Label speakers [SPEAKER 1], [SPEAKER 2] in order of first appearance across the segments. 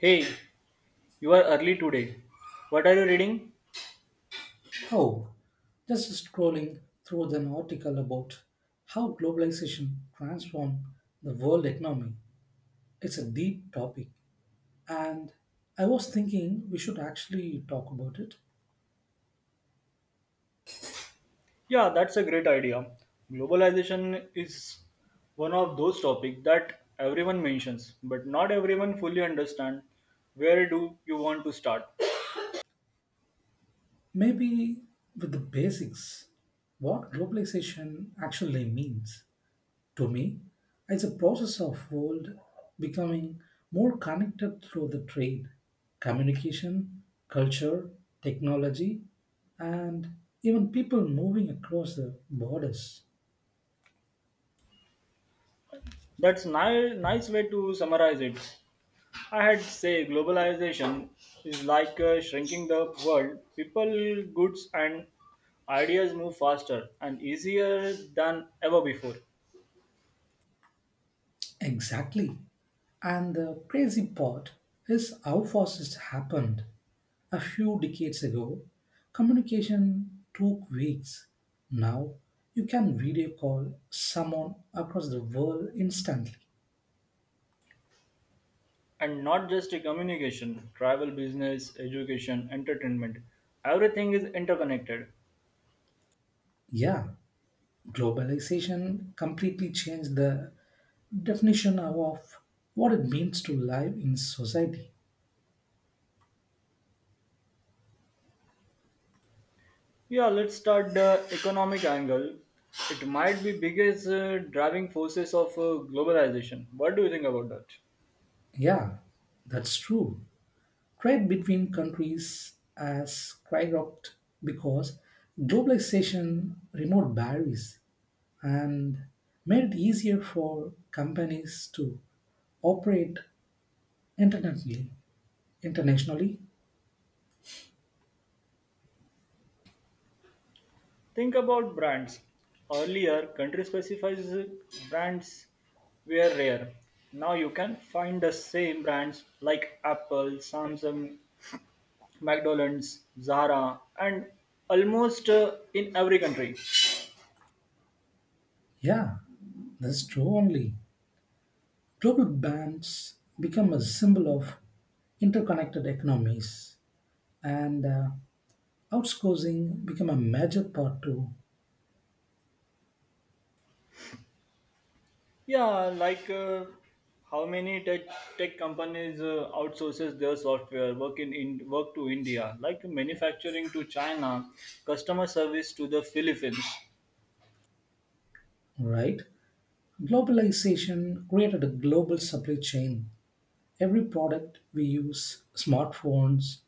[SPEAKER 1] Hey, you are early today. What are you reading?
[SPEAKER 2] Oh, just scrolling through an article about how globalization transformed the world economy. It's a deep topic, and I was thinking we should actually talk about it.
[SPEAKER 1] Yeah, that's a great idea. Globalization is one of those topics that everyone mentions, but not everyone fully understand. Where do you want to start?
[SPEAKER 2] Maybe with the basics, what globalization actually means. To me, it's a process of world becoming more connected through the trade, communication, culture, technology, and even people moving across the borders.
[SPEAKER 1] Nice way to summarize it. I had say globalization is like shrinking the world. People, goods, and ideas move faster and easier than ever before.
[SPEAKER 2] Exactly. And the crazy part is how fast it happened. A few decades ago, communication took weeks. Now, you can video call someone across the world instantly.
[SPEAKER 1] And not just a communication, travel, business, education, entertainment, everything is interconnected.
[SPEAKER 2] Yeah, globalization completely changed the definition of what it means to live in society.
[SPEAKER 1] Yeah, let's start the economic angle. It might be biggest driving forces of globalization. What do you think about that?
[SPEAKER 2] Yeah, that's true. Trade between countries has skyrocketed because globalization removed barriers and made it easier for companies to operate internationally. Internationally,
[SPEAKER 1] Think about brands. Earlier country specifies brands were rare. Now you can find the same brands like Apple, Samsung, McDonald's, Zara, and almost in every country.
[SPEAKER 2] yeah, that's true only. Global bands become a symbol of interconnected economies, and outsourcing become a major part too,
[SPEAKER 1] Yeah, like how many tech companies outsources their software work in work to India, like manufacturing to China, customer service to the Philippines.
[SPEAKER 2] right? Globalization created a global supply chain. Every product we use, smartphones,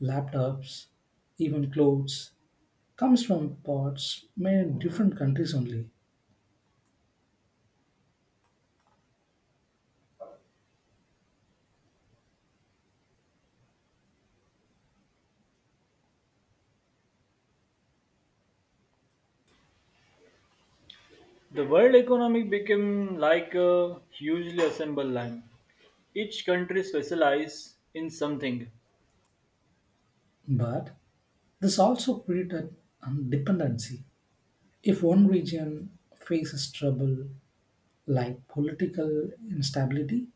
[SPEAKER 2] laptops, even clothes, comes from parts made in different countries only.
[SPEAKER 1] The world economy became like a hugely assembled line. Each country specializes in something.
[SPEAKER 2] But this also created dependency. If one region faces trouble, like political instability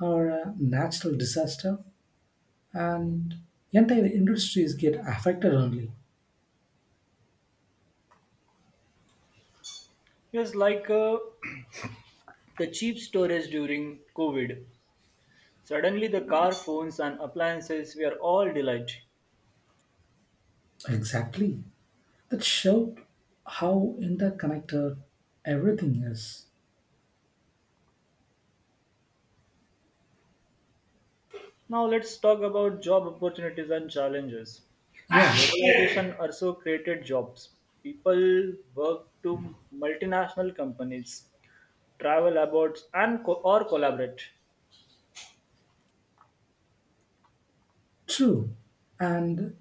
[SPEAKER 2] or a natural disaster, and entire industries get affected only.
[SPEAKER 1] Yes, like the cheap storage during COVID. Suddenly, the car, phones, and appliances were all delight.
[SPEAKER 2] Exactly. That showed how interconnected everything is.
[SPEAKER 1] Now, let's talk about job opportunities and challenges.
[SPEAKER 2] Yeah,
[SPEAKER 1] Globalization also created jobs. People work to multinational companies, travel abroad, and or collaborate.
[SPEAKER 2] true. And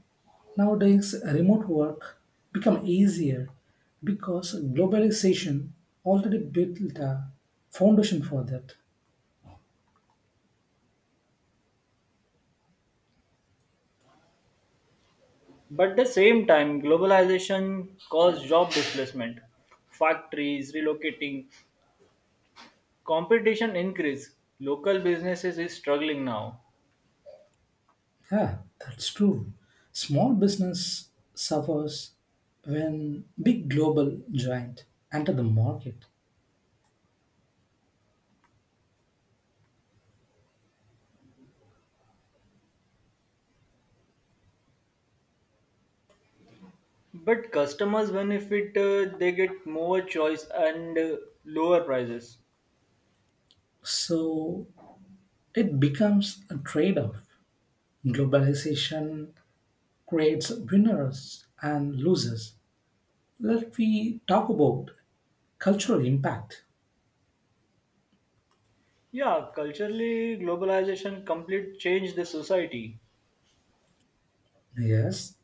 [SPEAKER 2] nowadays, remote work become easier because globalization already built a foundation for that.
[SPEAKER 1] But at the same time, globalization caused job displacement. Factories relocating, competition increase. Local businesses is struggling now.
[SPEAKER 2] Yeah, that's true. Small business suffers when big global giant enter the market.
[SPEAKER 1] But customers benefit, they get more choice and lower prices.
[SPEAKER 2] So it becomes a trade-off. Globalization creates winners and losers. Let we talk about cultural impact.
[SPEAKER 1] Yeah, culturally, globalization complete changed the society.
[SPEAKER 2] Yes,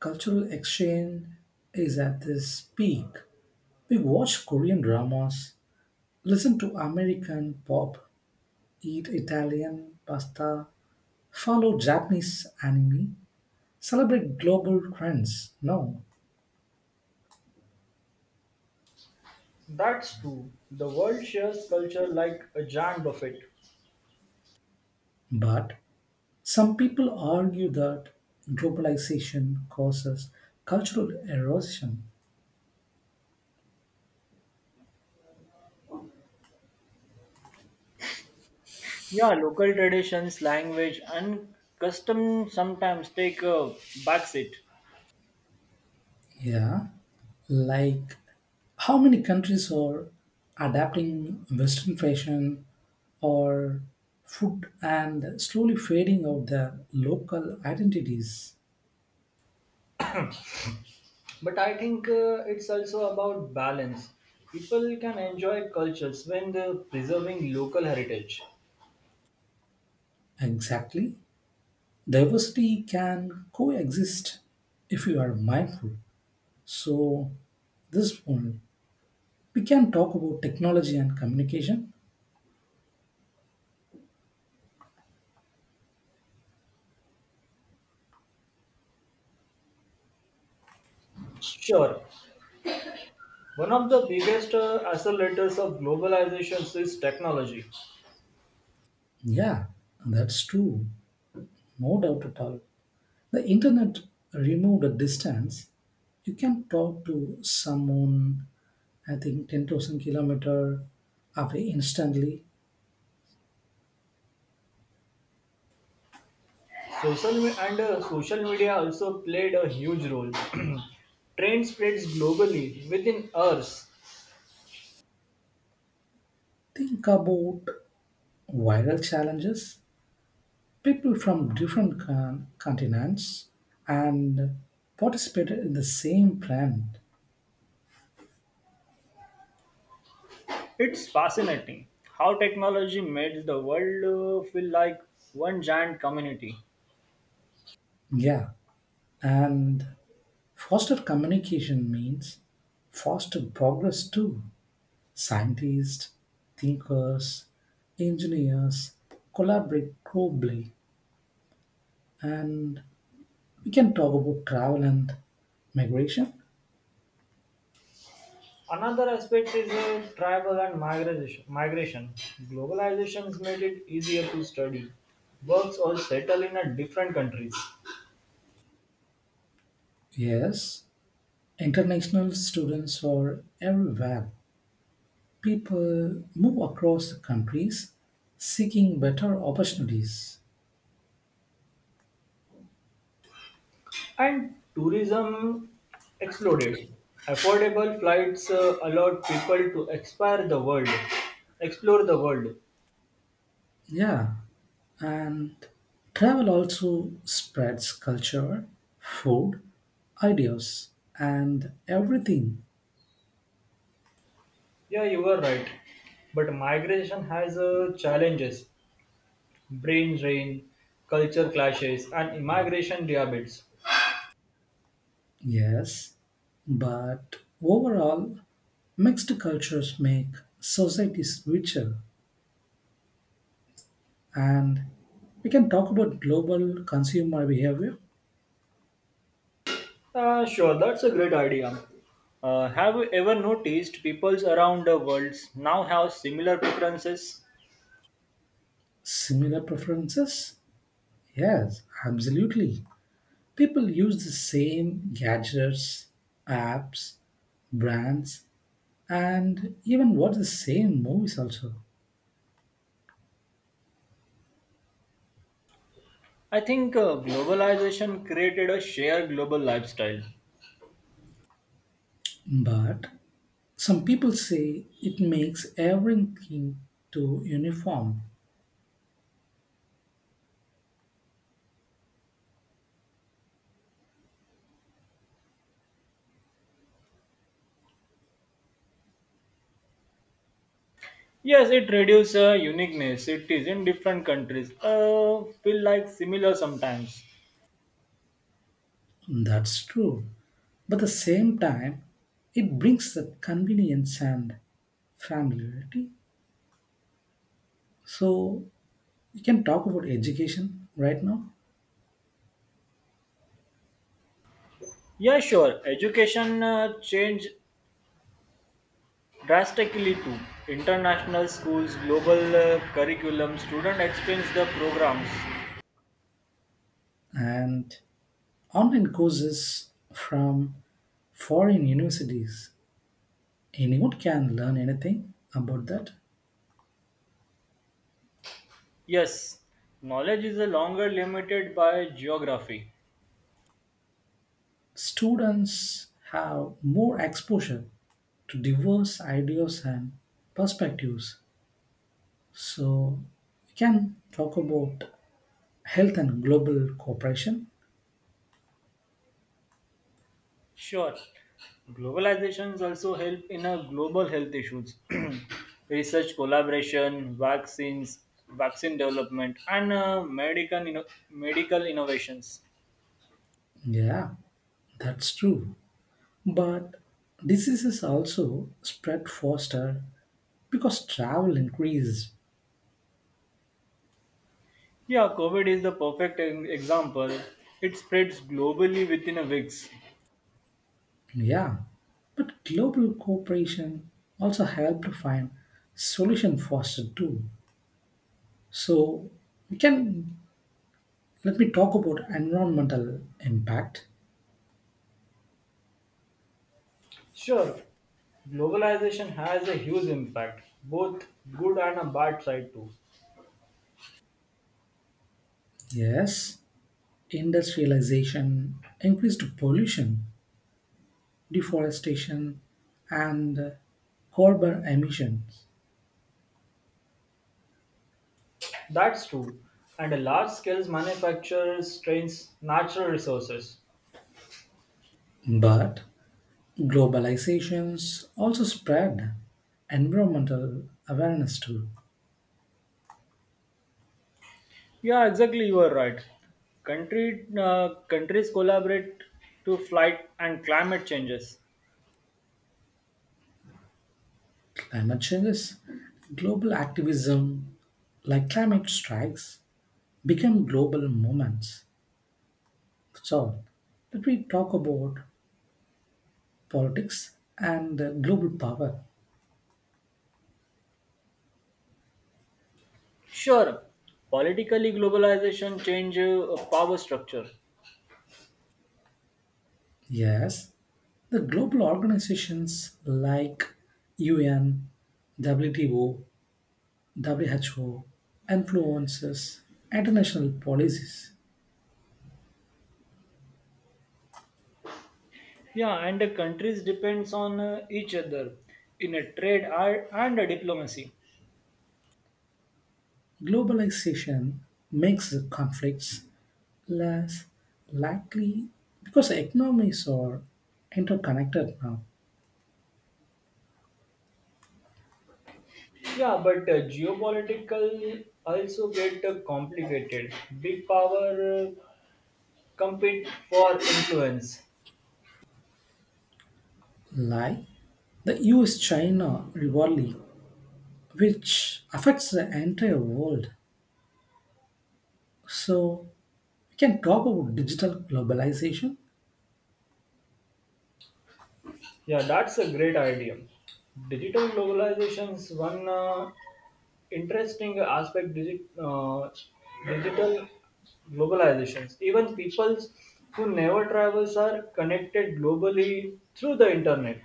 [SPEAKER 2] cultural exchange is at this peak. We watch Korean dramas, listen to American pop, eat Italian pasta, follow Japanese anime, celebrate global trends. No.
[SPEAKER 1] That's true. The world shares culture like a giant buffet.
[SPEAKER 2] But some people argue that globalization causes cultural erosion.
[SPEAKER 1] Yeah, local traditions, language, and custom sometimes take a backseat.
[SPEAKER 2] Yeah. Like how many countries are adapting Western fashion or food and slowly fading out their local identities?
[SPEAKER 1] But I think it's also about balance. People can enjoy cultures when they're preserving local heritage.
[SPEAKER 2] Exactly. Diversity can coexist if you are mindful. So, this one, we can talk about technology and communication.
[SPEAKER 1] Sure, one of the biggest accelerators of globalization is technology.
[SPEAKER 2] Yeah, that's true. No doubt at all. The internet removed a distance. You can talk to someone, I think, 10,000 kilometer away instantly.
[SPEAKER 1] Social me- and social media also played a huge role. Trend spreads globally within hours.
[SPEAKER 2] Think about viral challenges. People from different continents and participated in the same brand.
[SPEAKER 1] It's fascinating how technology makes the world feel like one giant community.
[SPEAKER 2] Yeah, and faster communication means faster progress too. Scientists, thinkers, engineers collaborate globally, and we can talk about travel and migration.
[SPEAKER 1] Another aspect is travel and migration. Globalization has made it easier to study, works or settle in a different countries.
[SPEAKER 2] Yes, international students are everywhere. People move across countries seeking better opportunities.
[SPEAKER 1] And tourism exploded. Affordable flights allowed people to explore the world.
[SPEAKER 2] Yeah, and travel also spreads culture, food, ideas, and everything.
[SPEAKER 1] Yeah, you were right. But migration has challenges. Brain drain, culture clashes, and immigration debates.
[SPEAKER 2] Yes, but overall, mixed cultures make societies richer. And we can talk about global consumer behavior,
[SPEAKER 1] Sure, that's a great idea. Have you ever noticed peoples around the world now have similar preferences?
[SPEAKER 2] similar preferences. Yes, absolutely. People use the same gadgets, apps, brands, and even watch the same movies also.
[SPEAKER 1] I think globalization created a shared global lifestyle.
[SPEAKER 2] But some people say it makes everything too uniform.
[SPEAKER 1] Yes, it reduces uniqueness. It is in different countries. Feel like similar sometimes.
[SPEAKER 2] That's true. But at the same time, it brings the convenience and familiarity. So we can talk about education right now
[SPEAKER 1] Yeah, sure. Education change drastically too, international schools' global curriculum student experience the programs.
[SPEAKER 2] and online courses from foreign universities. Anyone can learn anything about that.
[SPEAKER 1] Yes, knowledge is no longer limited by geography.
[SPEAKER 2] Students have more exposure to diverse ideas and perspectives. So we can talk about health and global cooperation.
[SPEAKER 1] Sure, globalizations also help in a global health issues, research collaboration, vaccines, vaccine development, and medical innovations.
[SPEAKER 2] Yeah, that's true. But diseases also spread faster because travel increased.
[SPEAKER 1] Yeah, COVID is the perfect example. It spreads globally within a weeks.
[SPEAKER 2] Yeah, but global cooperation also helped to find solution faster too. So we can let me talk about environmental impact.
[SPEAKER 1] Sure, globalization has a huge impact, both good and a bad side too.
[SPEAKER 2] Yes, industrialization, increased pollution, deforestation, and carbon emissions.
[SPEAKER 1] That's true. And a large scale manufacturers strains natural resources.
[SPEAKER 2] But globalizations also spread environmental awareness to
[SPEAKER 1] Yeah, exactly. You are right. Country countries collaborate to fight and climate changes.
[SPEAKER 2] climate changes. Global activism, like climate strikes, became global movements. So, let me talk about politics and global power.
[SPEAKER 1] Sure, politically globalization change power structure.
[SPEAKER 2] Yes, the global organizations like UN, WTO, WHO influences international policies.
[SPEAKER 1] Yeah, and the countries depends on each other in a trade and a diplomacy.
[SPEAKER 2] Globalization makes the conflicts less likely because economies are interconnected now.
[SPEAKER 1] Yeah, but geopolitical also get complicated. Big power compete for influence.
[SPEAKER 2] Like the US China rivalry, which affects the entire world. So, we can talk about digital globalization.
[SPEAKER 1] Yeah, that's a great idea. Digital globalization's one interesting aspect. Digital globalizations. Even peoples who never travels are connected globally through the internet.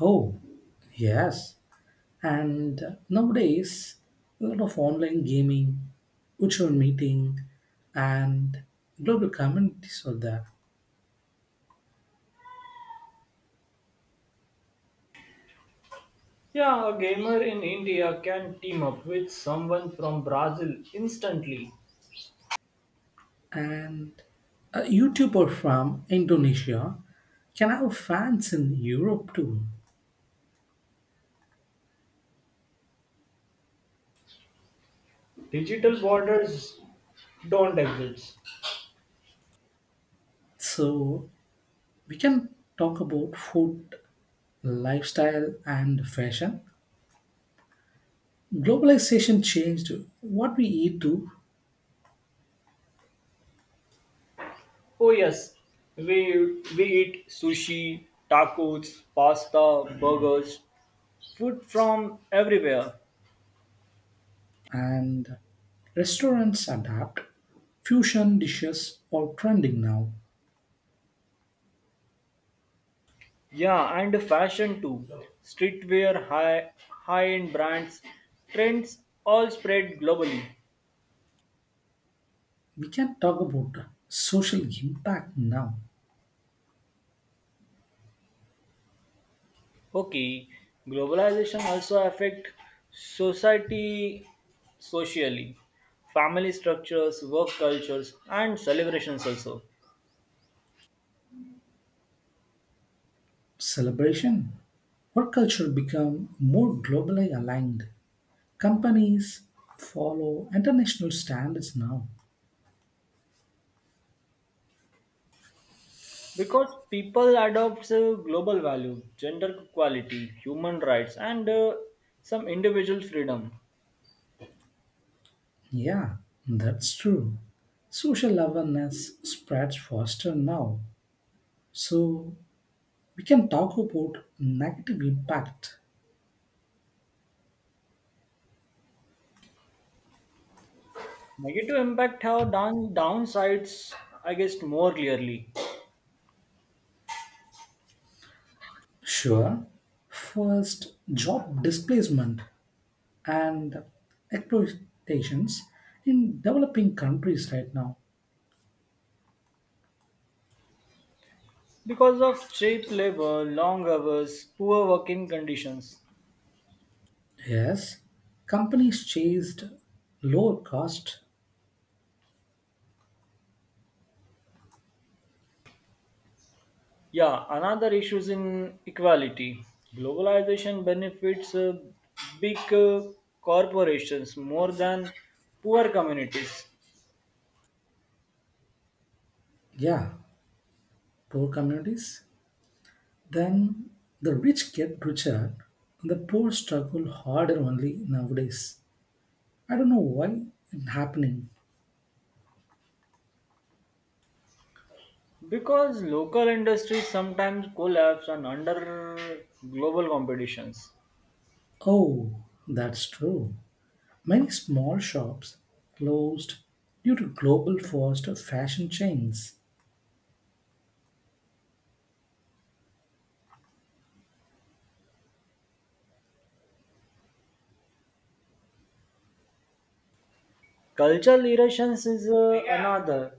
[SPEAKER 2] Oh, yes. And nowadays, a lot of online gaming, virtual meeting, and global communities are there.
[SPEAKER 1] Yeah, a gamer in India can team up with someone from Brazil instantly.
[SPEAKER 2] And a YouTuber from Indonesia can have fans in Europe too.
[SPEAKER 1] Digital borders don't exist.
[SPEAKER 2] So we can talk about food, lifestyle, and fashion. Globalization changed what we eat too,
[SPEAKER 1] Oh yes, we eat sushi, tacos, pasta, burgers, food from everywhere.
[SPEAKER 2] and restaurants adapt. Fusion dishes are trending now.
[SPEAKER 1] Yeah, and fashion too. Streetwear, high-end brands, trends all spread globally.
[SPEAKER 2] We can talk about social impact now.
[SPEAKER 1] Okay, globalization also affect society socially, family structures, work cultures, and celebrations also.
[SPEAKER 2] Celebration. Work culture become more globally aligned. Companies follow international standards now.
[SPEAKER 1] Because people adopt global values, gender equality, human rights, and some individual freedom.
[SPEAKER 2] Yeah, that's true. Social awareness spreads faster now. So we can talk about negative impact.
[SPEAKER 1] Negative impact have downsides, I guess, more clearly
[SPEAKER 2] Sure. First, job displacement and exploitations in developing countries right now.
[SPEAKER 1] because of cheap labor, long hours, poor working conditions.
[SPEAKER 2] Yes, companies chased lower cost,
[SPEAKER 1] Yeah, another issue is in equality. Globalization benefits big corporations more than poor communities.
[SPEAKER 2] yeah, poor communities. Then the rich get richer, and the poor struggle harder only nowadays. I don't know why it's happening.
[SPEAKER 1] Because local industries sometimes collapse and under global competitions.
[SPEAKER 2] Oh, that's true. Many small shops closed due to global fast fashion chains.
[SPEAKER 1] Cultural erosions is another.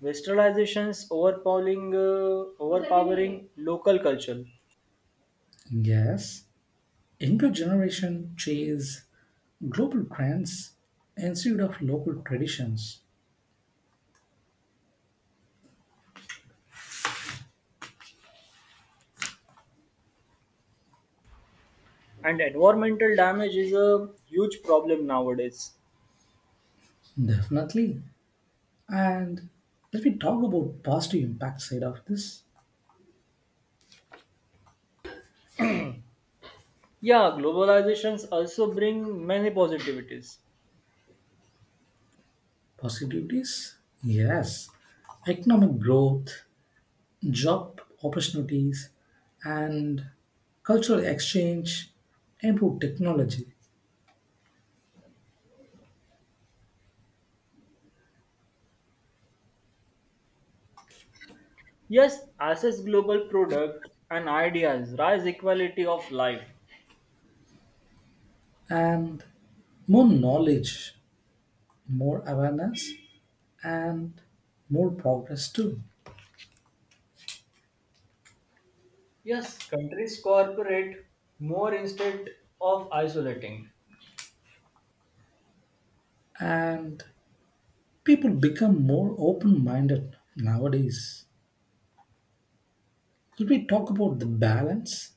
[SPEAKER 1] Overpowering local culture.
[SPEAKER 2] Yes, younger generation chase global trends instead of local traditions.
[SPEAKER 1] And environmental damage is a huge problem nowadays.
[SPEAKER 2] Definitely. And let me talk about positive impact side of this.
[SPEAKER 1] Yeah, globalizations also bring many positivities.
[SPEAKER 2] Positivities? Yes. Economic growth, job opportunities, and cultural exchange, improved technology,
[SPEAKER 1] Yes, access global product and ideas, rise equality of life.
[SPEAKER 2] and more knowledge, more awareness, and more progress too.
[SPEAKER 1] Yes, countries cooperate more instead of isolating.
[SPEAKER 2] And people become more open minded nowadays. Could we talk about the balance?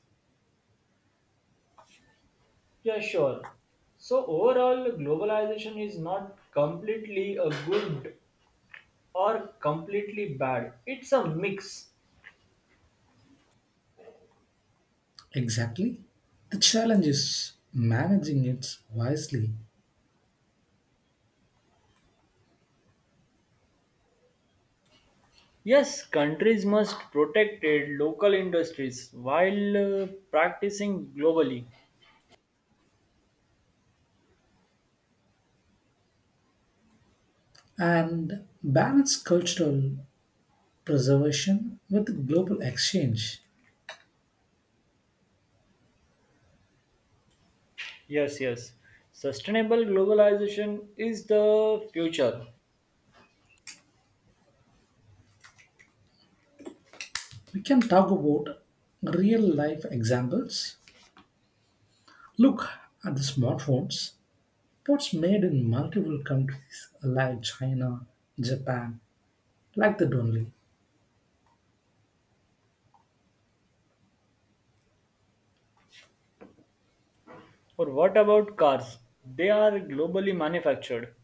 [SPEAKER 1] Yeah, sure. So, overall, globalization is not completely a good or completely bad, it's a mix.
[SPEAKER 2] Exactly. The challenge is managing it wisely
[SPEAKER 1] Yes, countries must protect their local industries while practicing globally.
[SPEAKER 2] and balance cultural preservation with global exchange.
[SPEAKER 1] Yes, yes. Sustainable globalization is the future.
[SPEAKER 2] We can talk about real life examples. Look at the smartphones pots made in multiple countries like China, Japan, like that only.
[SPEAKER 1] Or what about cars? They are globally manufactured.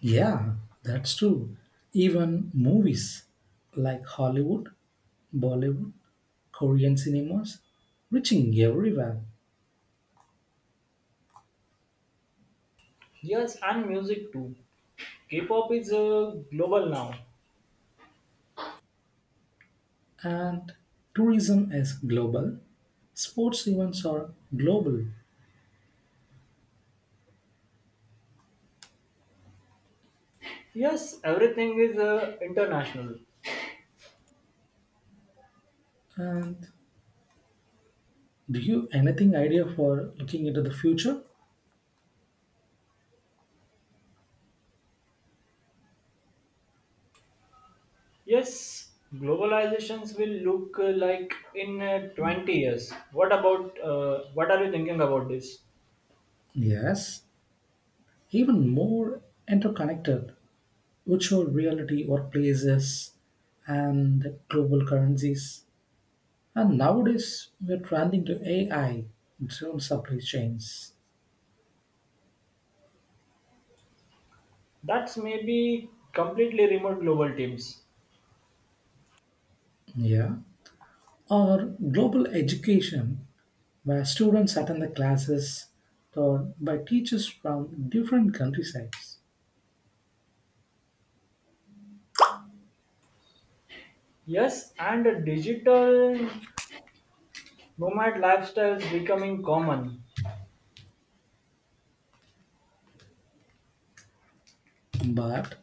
[SPEAKER 2] Yeah, that's true. Even movies like Hollywood, Bollywood, Korean cinemas, reaching everywhere.
[SPEAKER 1] Yes, and music too. K-pop is global now.
[SPEAKER 2] And tourism is global. Sports events are global.
[SPEAKER 1] Yes, everything is international.
[SPEAKER 2] And do you anything idea for looking into the future?
[SPEAKER 1] Yes, globalizations will look like in 20 years. What about what are you thinking about this?
[SPEAKER 2] Yes, even more interconnected. Virtual reality workplaces and global currencies. And nowadays, we are trending to AI driven supply chains.
[SPEAKER 1] That's maybe completely remote global teams.
[SPEAKER 2] Yeah. Or global education, where students attend the classes taught by teachers from different countrysides.
[SPEAKER 1] Yes, and a digital nomad lifestyles becoming common.
[SPEAKER 2] But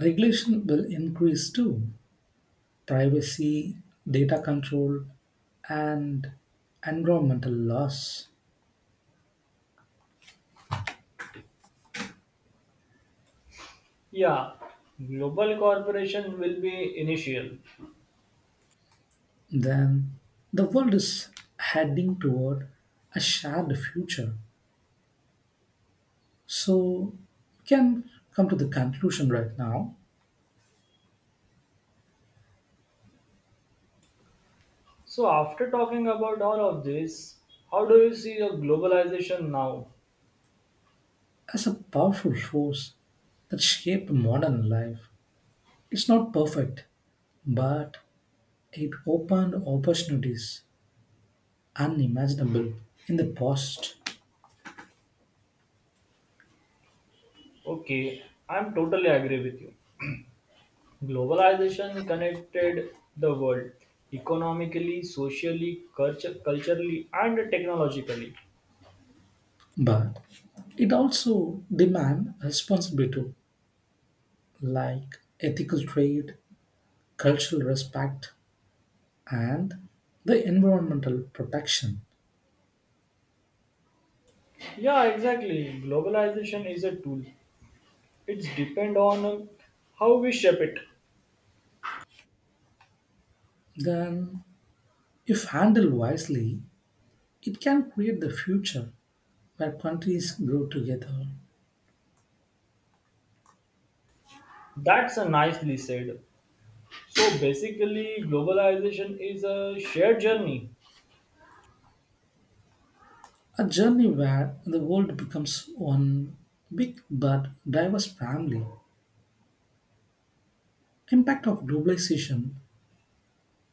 [SPEAKER 2] regulation will increase too. Privacy, data control, and environmental laws.
[SPEAKER 1] Yeah, global corporation will be initial.
[SPEAKER 2] Then the world is heading toward a shared future. So we can come to the conclusion right now
[SPEAKER 1] So after talking about all of this, how do you see a globalization now?
[SPEAKER 2] as a powerful force that shaped modern life. It's not perfect, but it opened opportunities unimaginable in the past.
[SPEAKER 1] Okay, I'm totally agree with you. Globalization connected the world economically, socially, culturally, and technologically.
[SPEAKER 2] But it also demands responsibility like ethical trade, cultural respect, and the environmental protection,
[SPEAKER 1] Yeah, exactly. Globalization is a tool. It's depend on how we shape it.
[SPEAKER 2] then, if handled wisely, it can create the future where countries grow together.
[SPEAKER 1] That's a nicely said. So basically, globalization is a shared journey.
[SPEAKER 2] A journey where the world becomes one big but diverse family. Impact of globalization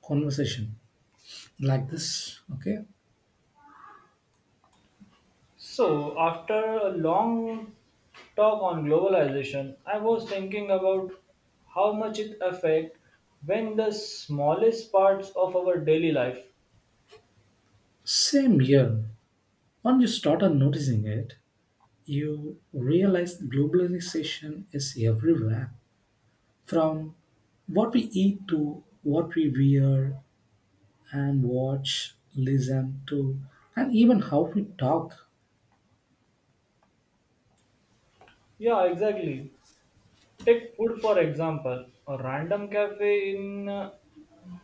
[SPEAKER 2] conversation like this, okay?
[SPEAKER 1] So, after a long talk on globalization, I was thinking about how much it affects when the smallest parts of our daily life.
[SPEAKER 2] Same year, once you started noticing it, you realize globalization is everywhere from what we eat to what we wear and watch, listen to, and even how we talk.
[SPEAKER 1] Yeah, exactly. Take food for example. A random cafe in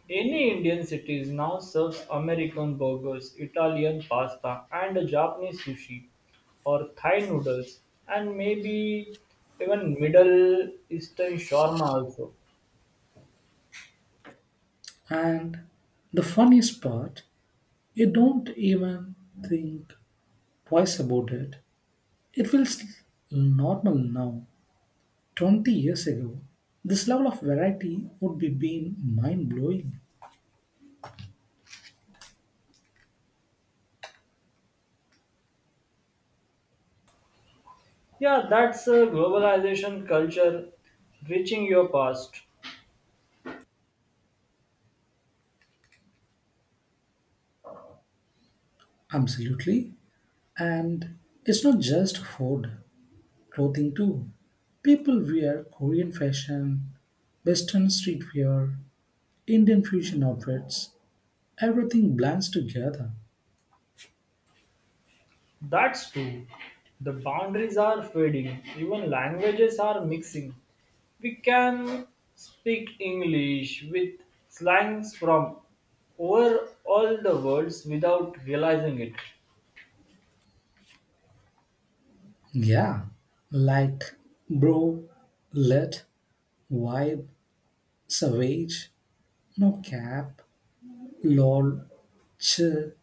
[SPEAKER 1] any Indian cities now serves American burgers, Italian pasta, and a Japanese sushi or Thai noodles, and maybe even Middle Eastern shawarma also.
[SPEAKER 2] And the funniest part, you don't even think twice about it. It feels normal now. 20 years ago, this level of variety would be been mind blowing.
[SPEAKER 1] Yeah, that's a globalization culture reaching your past.
[SPEAKER 2] Absolutely. And it's not just food. Clothing too. People wear Korean fashion, Western streetwear, Indian fusion outfits. Everything blends together.
[SPEAKER 1] That's true. The boundaries are fading, even languages are mixing. We can speak English with slangs from over all the worlds without realizing it.
[SPEAKER 2] Yeah, like bro, let, vibe, savage, no cap, lol, chill.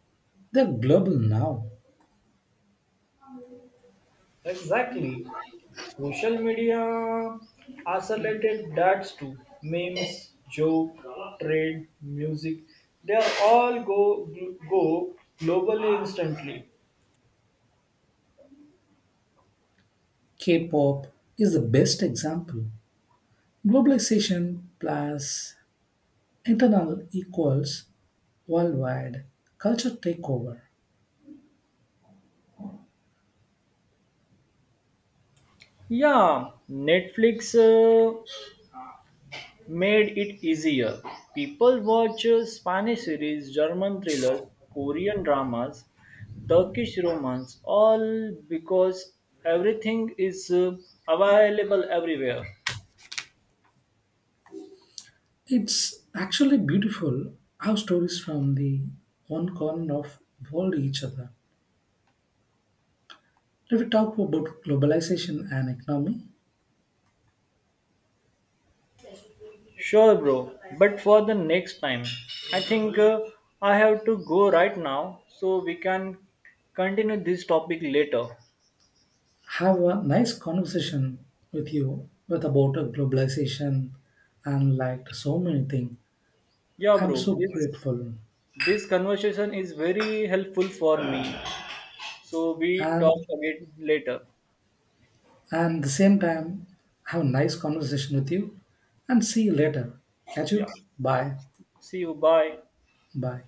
[SPEAKER 2] They're global now.
[SPEAKER 1] Exactly. Social media isolated dads too. Memes, joke, trend, music. They are all go globally instantly.
[SPEAKER 2] K-pop is the best example. Globalization plus internal equals worldwide culture takeover.
[SPEAKER 1] Yeah, Netflix made it easier. People watch Spanish series, German thrillers, Korean dramas, Turkish romance, all because everything is available everywhere.
[SPEAKER 2] It's actually beautiful how stories from the one corner of world each other. If we talk about globalization and economy,
[SPEAKER 1] Sure, bro, but for the next time, I think I have to go right now so we can continue this topic later.
[SPEAKER 2] have a nice conversation with you with about a globalization and liked so many things.
[SPEAKER 1] Yeah,
[SPEAKER 2] I'm
[SPEAKER 1] bro,
[SPEAKER 2] so
[SPEAKER 1] this
[SPEAKER 2] grateful
[SPEAKER 1] this conversation is very helpful for me. So we talk
[SPEAKER 2] and
[SPEAKER 1] again later.
[SPEAKER 2] and the same time have a nice conversation with you and see you later. Catch
[SPEAKER 1] Yeah.
[SPEAKER 2] you. Bye.
[SPEAKER 1] See you. Bye.
[SPEAKER 2] Bye.